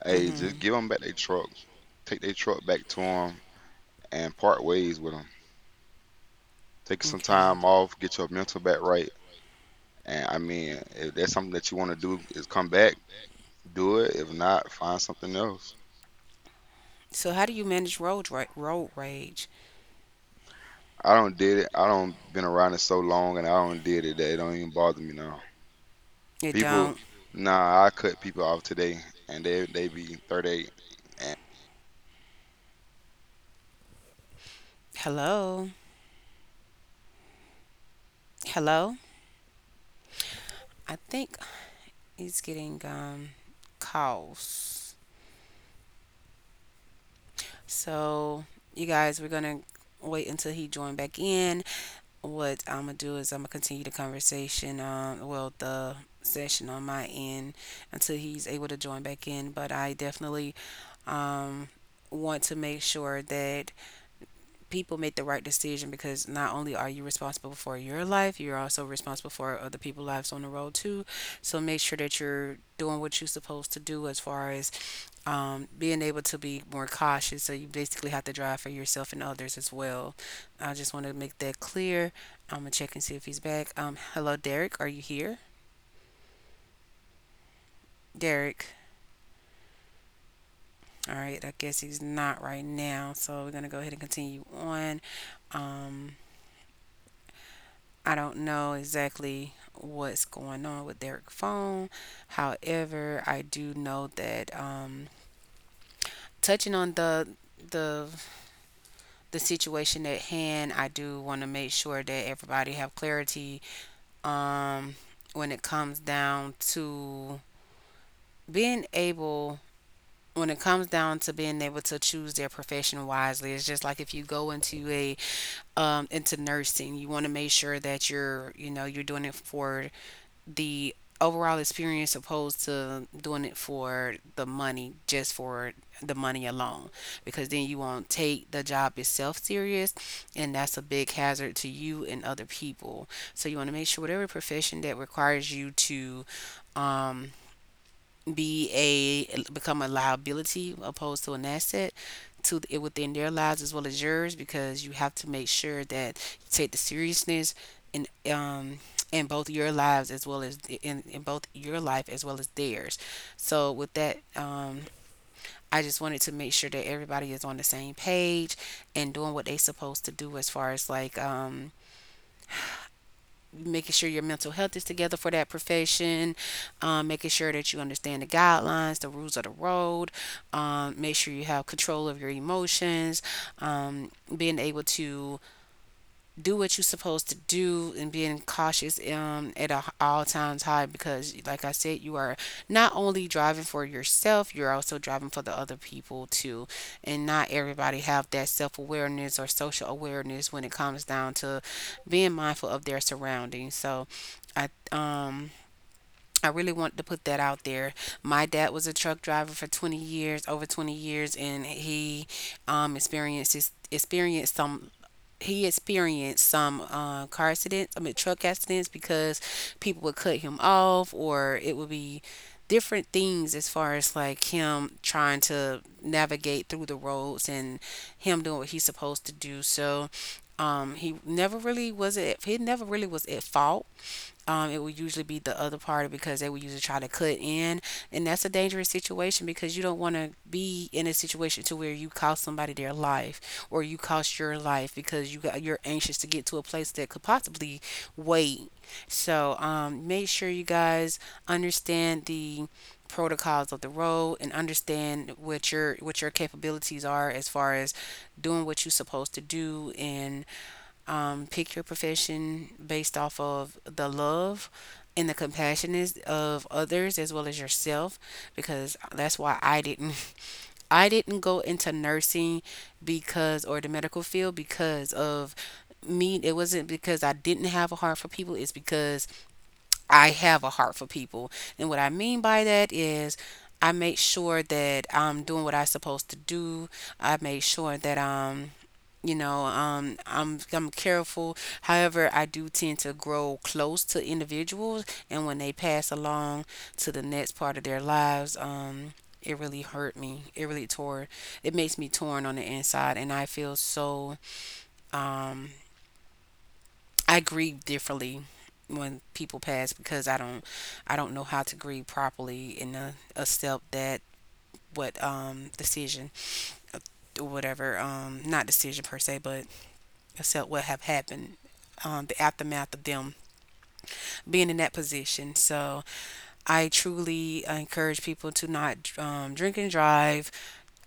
Speaker 3: Hey,
Speaker 1: Mm-hmm.
Speaker 3: just give them back their truck. Take their truck back to them and part ways with them. Take some
Speaker 1: Okay.
Speaker 3: time off, get your mental back right. And I mean, if that's something that you want to do, is come back, do it. If not, find something else.
Speaker 1: So, how do you manage road ra- road rage?
Speaker 3: I don't did it. I don't been around it so long, and I don't did it that it don't even bother me now.
Speaker 1: It
Speaker 3: People,
Speaker 1: don't.
Speaker 3: nah, I cut people off today, and they they be thirty-eight. And
Speaker 1: Hello, hello. I think he's getting um calls. So, you guys, we're gonna wait until he join back in. What I'm gonna do is I'm gonna continue the conversation, um, well, the session on my end until he's able to join back in. But I definitely um, want to make sure that people make the right decision because not only are you responsible for your life, you're also responsible for other people's lives on the road too. So make sure that you're doing what you're supposed to do as far as um, being able to be more cautious. So you basically have to drive for yourself and others as well. I just want to make that clear. I'm gonna check and see if he's back. Um, hello, Derek. Are you here, Derek? All right. I guess he's not right now. So we're gonna go ahead and continue on. Um, I don't know exactly what's going on with Derek's phone. However, I do know that um, touching on the the the situation at hand, I do want to make sure that everybody have clarity um, when it comes down to being able when it comes down to being able to choose their profession wisely. It's just like if you go into a um, into nursing, you want to make sure that you're, you know, you're doing it for the overall experience opposed to doing it for the money, just for the money alone, because then you won't take the job itself serious, and that's a big hazard to you and other people. So you want to make sure whatever profession that requires you to um be a become a liability opposed to an asset to it within their lives as well as yours, because you have to make sure that you take the seriousness in um in both your lives as well as in, in both your life as well as theirs. So with that, um I just wanted to make sure that everybody is on the same page and doing what they supposed to do as far as like um making sure your mental health is together for that profession, um, making sure that you understand the guidelines, the rules of the road, um, make sure you have control of your emotions, um, being able to do what you're supposed to do and being cautious um, at a, all times high, because like I said, you are not only driving for yourself, you're also driving for the other people too, and not everybody have that self-awareness or social awareness when it comes down to being mindful of their surroundings. So i um I really wanted to put that out there. My dad was a truck driver for twenty years, over twenty years, and he um, experiences experienced some he experienced some uh, car accidents, I mean truck accidents, because people would cut him off, or it would be different things as far as like him trying to navigate through the roads and him doing what he's supposed to do. So um, he never really was at he never really was at fault. Um, it would usually be the other party because they would usually try to cut in, and that's a dangerous situation because you don't want to be in a situation to where you cost somebody their life or you cost your life because you got, you're anxious to get to a place that could possibly wait. So um, make sure you guys understand the protocols of the road and understand what your what your capabilities are as far as doing what you're supposed to do, and um, pick your profession based off of the love and the compassionateness of others as well as yourself, because that's why I didn't I didn't go into nursing because or the medical field, because of me, it wasn't because I didn't have a heart for people, it's because I have a heart for people. And what I mean by that is I make sure that I'm doing what I'm supposed to do. I make sure that um you know, um, I'm I'm careful. However, I do tend to grow close to individuals, and when they pass along to the next part of their lives, um, it really hurt me. It really tore. It makes me torn on the inside, and I feel so. Um, I grieve differently when people pass because I don't, I don't know how to grieve properly in a, a step that what um decision or whatever um not decision per se but itself what have happened, um, the aftermath of them being in that position. So i truly encourage people to not um, drink and drive.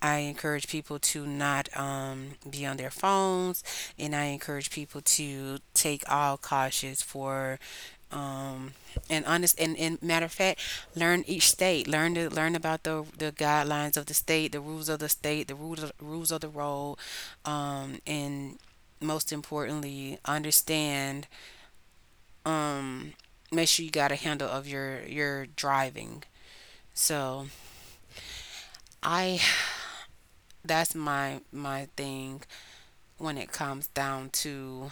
Speaker 1: I encourage people to not um, be on their phones, and I encourage people to take all cautious for um and honest, and, and matter of fact, learn each state, learn to learn about the the guidelines of the state, the rules of the state, the rules of, rules of the road, um and most importantly understand. um Make sure you got a handle of your your driving. So i that's my my thing when it comes down to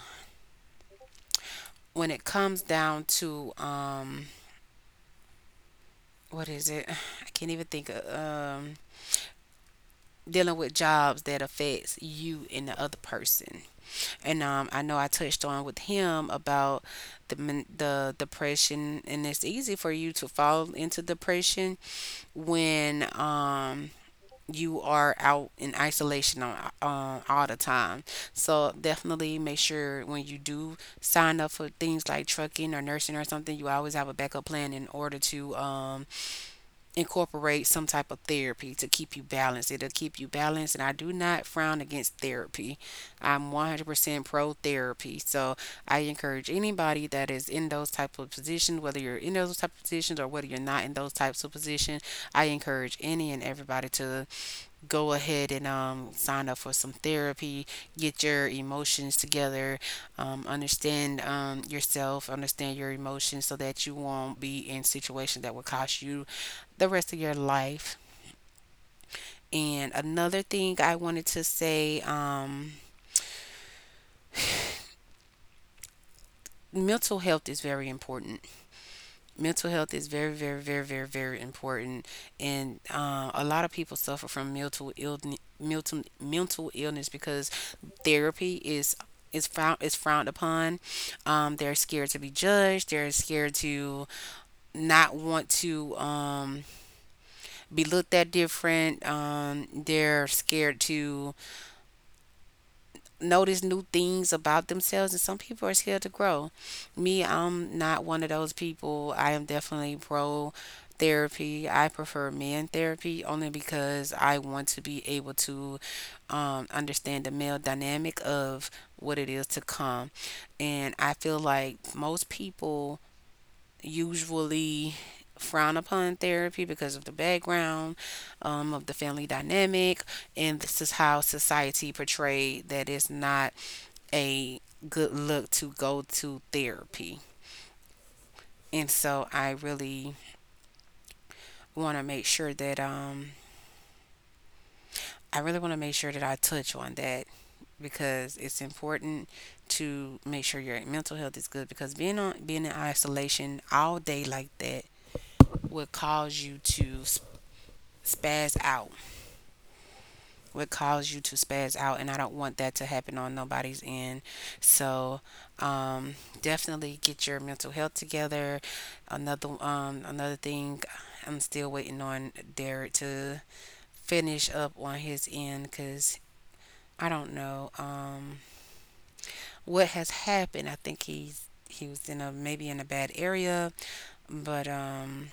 Speaker 1: when it comes down to um what is it? I can't even think of um dealing with jobs that affects you and the other person. And um I know I touched on with him about the men- the depression, and it's easy for you to fall into depression when um you are out in isolation on, on all the time. So definitely make sure when you do sign up for things like trucking or nursing or something, you always have a backup plan in order to um, incorporate some type of therapy to keep you balanced. It'll keep you balanced, and I do not frown against therapy. I'm one hundred percent pro therapy. So I encourage anybody that is in those type of positions, whether you're in those type of positions or whether you're not in those types of positions, I encourage any and everybody to go ahead and um, sign up for some therapy, get your emotions together, um, understand um, yourself, understand your emotions so that you won't be in situations that will cost you the rest of your life. And another thing I wanted to say, um, mental health is very important. Mental health is very, very, very, very, very important, and uh, a lot of people suffer from mental illness, mental mental illness because therapy is is frowned is frowned upon. Um, they're scared to be judged. They're scared to not want to um, be looked at different. Um, they're scared to notice new things about themselves, and some people are scared to grow. Me, I'm not one of those people. I am definitely pro therapy. I prefer men therapy only because I want to be able to um, understand the male dynamic of what it is to come. And I feel like most people usually frown upon therapy because of the background, um, of the family dynamic, and this is how society portrayed that it's not a good look to go to therapy. And so I really want to make sure that um I really want to make sure that I touch on that, because it's important to make sure your mental health is good, because being on being in isolation all day like that would cause you to s- spaz out would cause you to spaz out, and I don't want that to happen on nobody's end. So, um, definitely get your mental health together. Another um, another thing, I'm still waiting on Derek to finish up on his end because I don't know um, what has happened. I think he's he was in a maybe in a bad area, but um,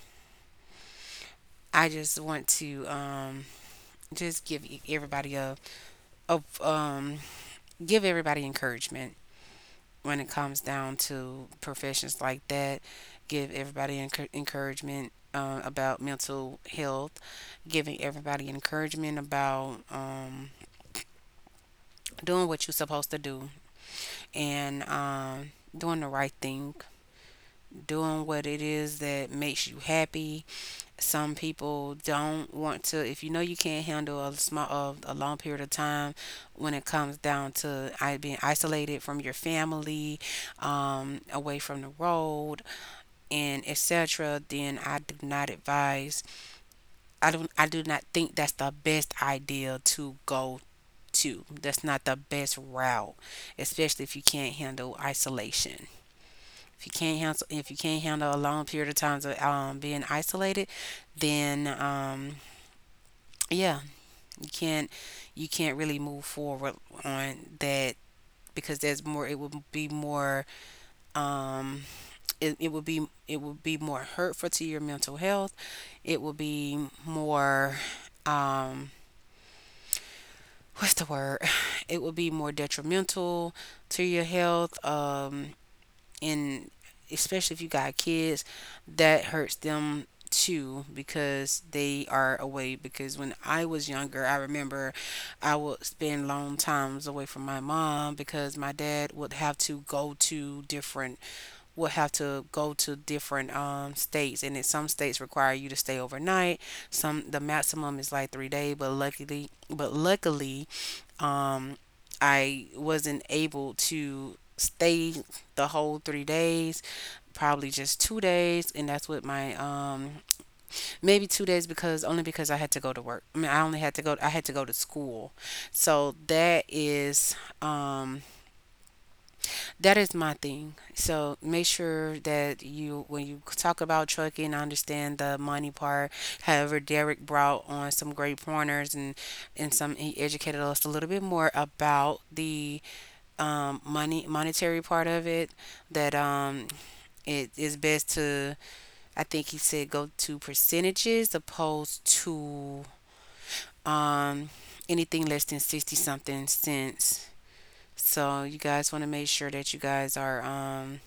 Speaker 1: I just want to um, just give everybody a, a um, give everybody encouragement when it comes down to professions like that. Give everybody encour- encouragement, uh, about mental health, giving everybody encouragement about um, doing what you're supposed to do, and um, doing the right thing, doing what it is that makes you happy. Some people don't want to. If you know you can't handle a small, uh, a long period of time, when it comes down to I being isolated from your family, um, away from the road, and et cetera, then I do not advise. I don't. I do not think that's the best idea to go to. That's not the best route, especially if you can't handle isolation. If you can't handle, if you can't handle a long period of times of um, being isolated, then um, yeah, you can't. You can't really move forward on that, because there's more. It would be more. Um, it, it would be it would be more hurtful to your mental health. It would be more um what's the word? It would be more detrimental to your health. Um and especially if you got kids, that hurts them too because they are away. Because when I was younger I remember I would spend long times away from my mom because my dad would have to go to different will have to go to different um states, and then some states require you to stay overnight. Some the maximum is like three days, but luckily but luckily um I wasn't able to stay the whole three days, probably just two days, and that's what my um maybe two days, because only because I had to go to work. I mean, i only had to go I had to go to school. So that is um that is my thing. So make sure that you, when you talk about trucking, I understand the money part. However, Derek brought on some great pointers, and and some he educated us a little bit more about the um, money monetary part of it. That um, it is best to, I think he said, go to percentages opposed to um, anything less than sixty something cents. So you guys want to make sure that you guys are um,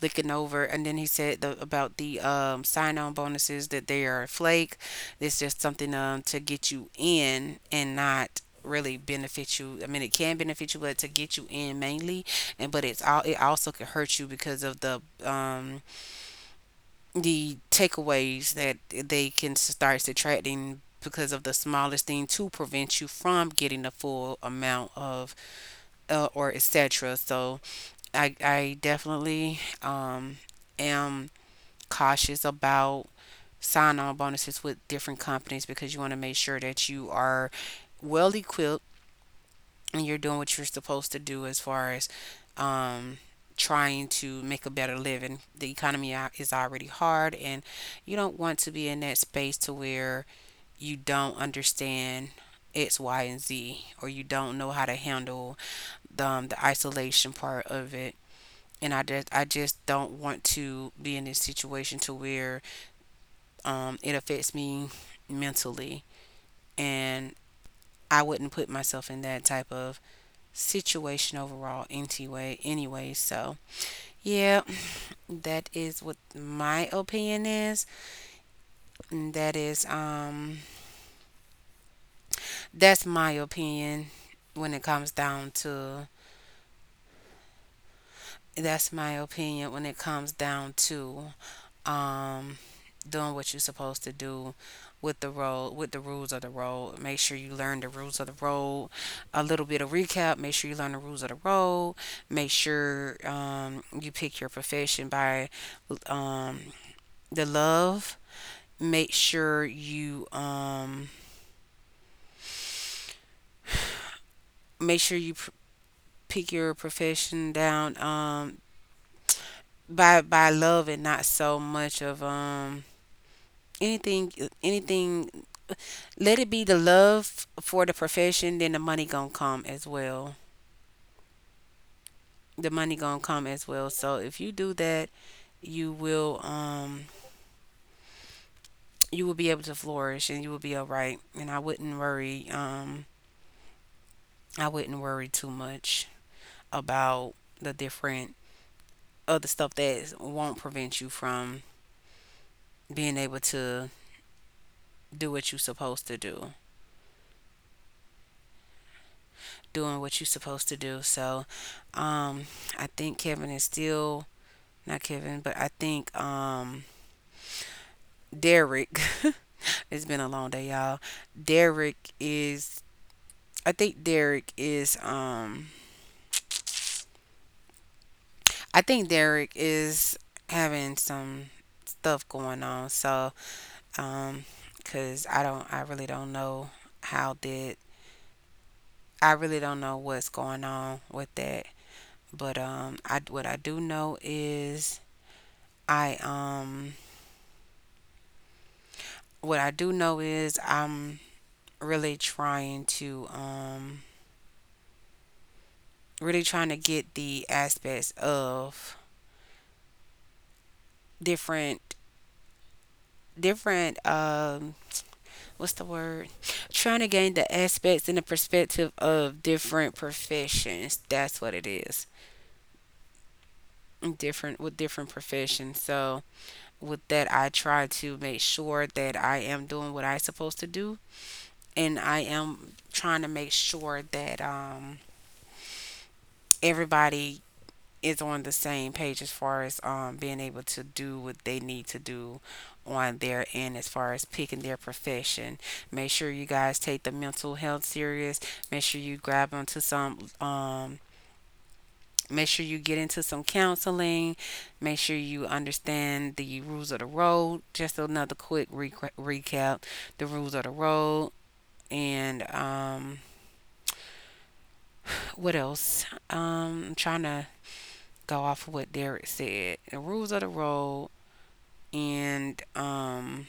Speaker 1: looking over, and then he said the, about the um, sign-on bonuses, that they are a flake. It's just something um, to get you in and not really benefit you. I mean, it can benefit you, but to get you in mainly, and but it's all it also can hurt you, because of the um the takeaways that they can start subtracting because of the smallest thing to prevent you from getting the full amount of uh, or etc. So i i definitely um am cautious about sign on bonuses with different companies, because you want to make sure that you are well equipped and you're doing what you're supposed to do as far as um, trying to make a better living. The economy is already hard, and you don't want to be in that space to where you don't understand X, Y, and Z, or you don't know how to handle the, um, the isolation part of it. And I just, I just don't want to be in this situation to where Um, it affects me mentally. And I wouldn't put myself in that type of situation overall anyway anyway, so yeah, that is what my opinion is. And that is um that's my opinion when it comes down to that's my opinion when it comes down to um, doing what you're supposed to do with the road, with the rules of the road. Make sure you learn the rules of the road. A little bit of recap. Make sure you learn the rules of the road. Make sure um, you pick your profession by um, the love. Make sure you um, make sure you pr- pick your profession down um, by by love and not so much of um, anything anything, let it be the love for the profession, then the money gonna come as well. The money gonna come as well. So if you do that, you will um you will be able to flourish, and you will be all right. And I wouldn't worry um I wouldn't worry too much about the different other stuff that won't prevent you from being able to do what you're supposed to do, doing what you're supposed to do. So um I think Kevin is still not Kevin, but I think um Derek. It's been a long day, y'all. Derek is I think Derek is um I think Derek is having some stuff going on. So, um, 'cause I don't I really don't know how that I really don't know what's going on with that. But um I what I do know is I um what I do know is I'm really trying to um really trying to get the aspects of different different um what's the word trying to gain the aspects and the perspective of different professions. That's what it is, different with different professions. So with that, I try to make sure that I am doing what I supposed to do, and I am trying to make sure that um everybody is on the same page as far as um, being able to do what they need to do on their end as far as picking their profession. Make sure you guys take the mental health serious. Make sure you grab onto some um make sure you get into some counseling. Make sure you understand the rules of the road. Just another quick re- recap. The rules of the road and um what else? Um I'm trying to go off what Derek said. The rules of the road and um,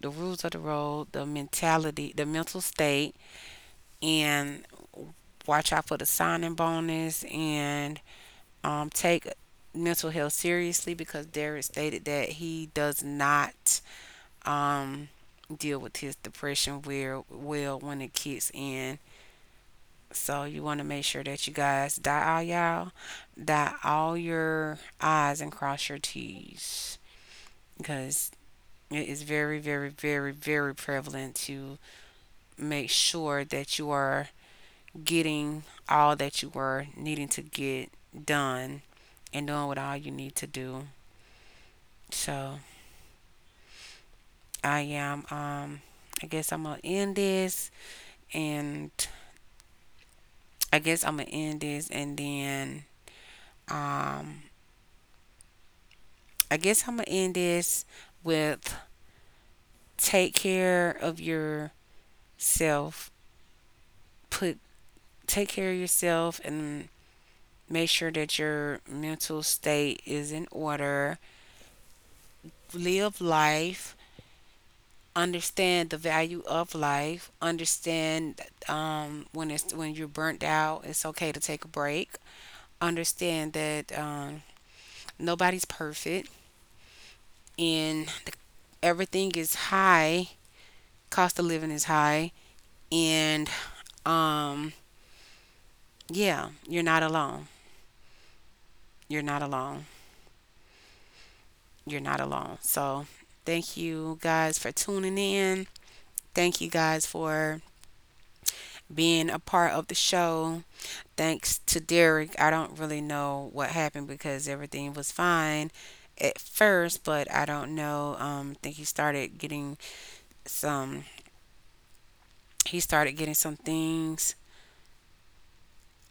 Speaker 1: the rules of the road, the mentality, the mental state, and watch out for the signing bonus, and um, take mental health seriously because Derek stated that he does not um, deal with his depression well, well when it kicks in. So you want to make sure that you guys dot all y'all, dot all your I's and cross your T's, because it is very, very, very, very prevalent to make sure that you are getting all that you are needing to get done and doing what all you need to do. So I am um I guess I'm gonna end this and I guess I'm gonna end this, and then um I guess I'm gonna end this with take care of yourself. Put Take care of yourself, and make sure that your mental state is in order. Live life. Understand the value of life. Understand, um, when it's when you're burnt out, it's okay to take a break. Understand that um, nobody's perfect, and everything is high. Cost of living is high, and um, yeah, you're not alone. You're not alone. You're not alone. So thank you guys for tuning in. Thank you guys for being a part of the show. Thanks to Derek. I don't really know what happened because everything was fine at first, but I don't know. Um, I think he started getting some. He started getting some things.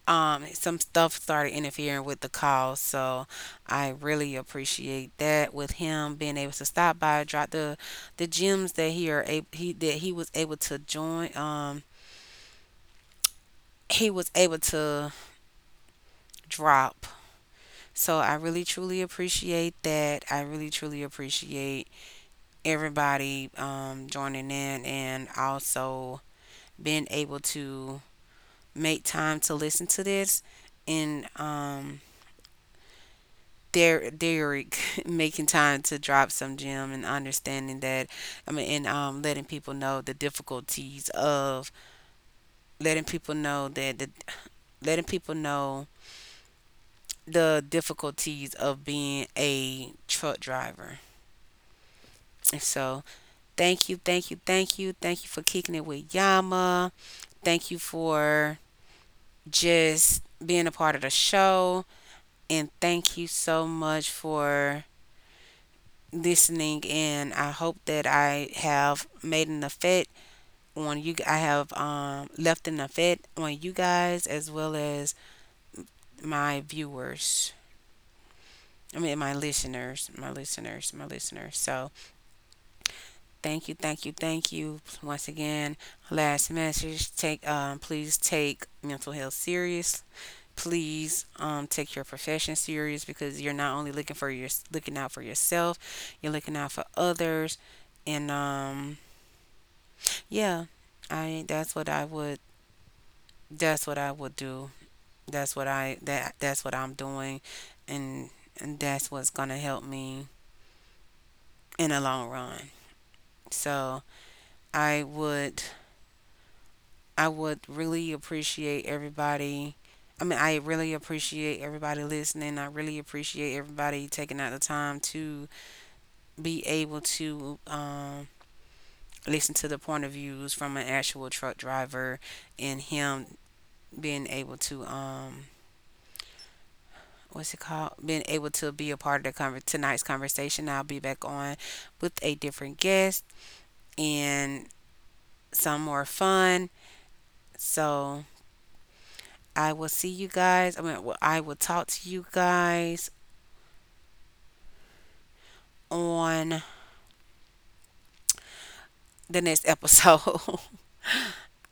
Speaker 1: Um, some stuff started interfering with the call, so I really appreciate that. With him being able to stop by, drop the the gems that he are able, he that he was able to join. Um, he was able to drop. So I really truly appreciate that. I really truly appreciate everybody um, joining in and also being able to make time to listen to this, and um, Der- Derek making time to drop some gem and understanding that I mean and um, letting people know the difficulties of letting people know that the letting people know the difficulties of being a truck driver. And so thank you, thank you, thank you. Thank you for kicking it with Yama. Thank you for just being a part of the show. And thank you so much for listening. And I hope that I have made an effect on you. I have, um, left an effect on you guys as well as my viewers. I mean, my listeners, my listeners, my listeners. So thank you, thank you, thank you. Once again, last message: take, um, please take mental health serious. Please um, take your profession serious because you're not only looking for your looking out for yourself, you're looking out for others, and um, yeah, I that's what I would that's what I would do. That's what I that that's what I'm doing, and and that's what's gonna help me in the long run. So I would I would really appreciate everybody. I mean, I really appreciate everybody listening. I really appreciate everybody taking out the time to be able to um, listen to the point of views from an actual truck driver and him being able to um, what's it called? being able to be a part of the conver- tonight's conversation. I'll be back on with a different guest and some more fun. So I will see you guys. I mean, well, I will talk to you guys on the next episode.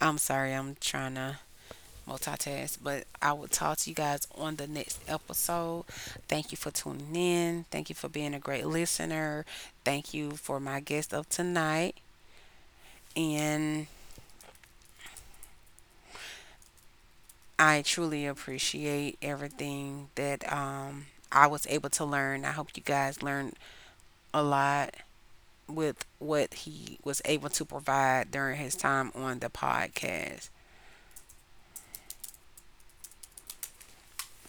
Speaker 1: I'm sorry, I'm trying to multitask, but I will talk to you guys on the next episode. Thank you for tuning in. Thank you for being a great listener. Thank you for my guest of tonight. And I truly appreciate everything that um, I was able to learn. I hope you guys learned a lot with what he was able to provide during his time on the podcast.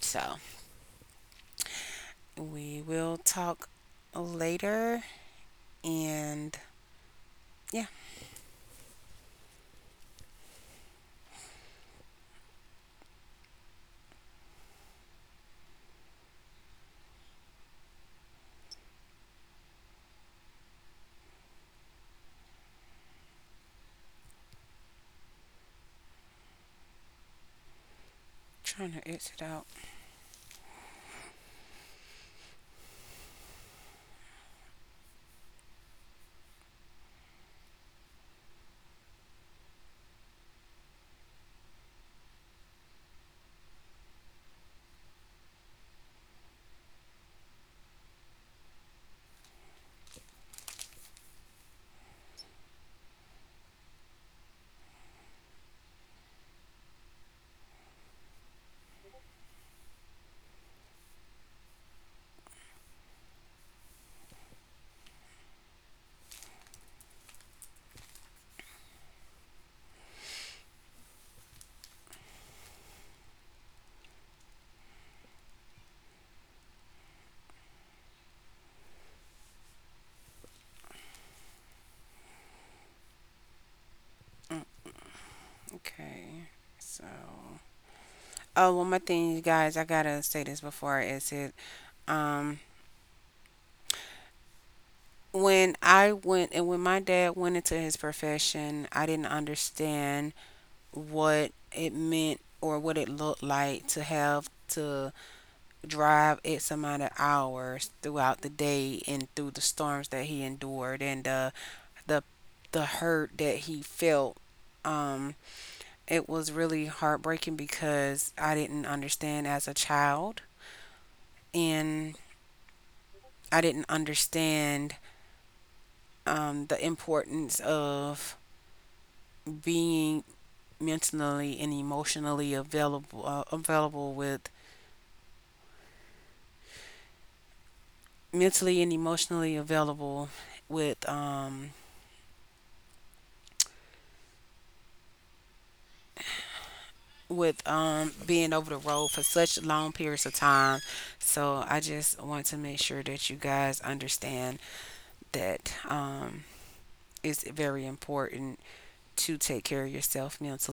Speaker 1: So we will talk later. And yeah, trying to exit out. Mm, Okay. So, oh, one more thing, you guys, I gotta say this before I exit. Um, when I went and when my dad went into his profession, I didn't understand what it meant or what it looked like to have to drive X amount of hours throughout the day and through the storms that he endured. And uh, the the hurt that he felt, um it was really heartbreaking because I didn't understand as a child, and I didn't understand um the importance of being mentally and emotionally available uh, available with mentally and emotionally available with um with um being over the road for such long periods of time. So I just want to make sure that you guys understand that, um, it's very important to take care of yourself mentally.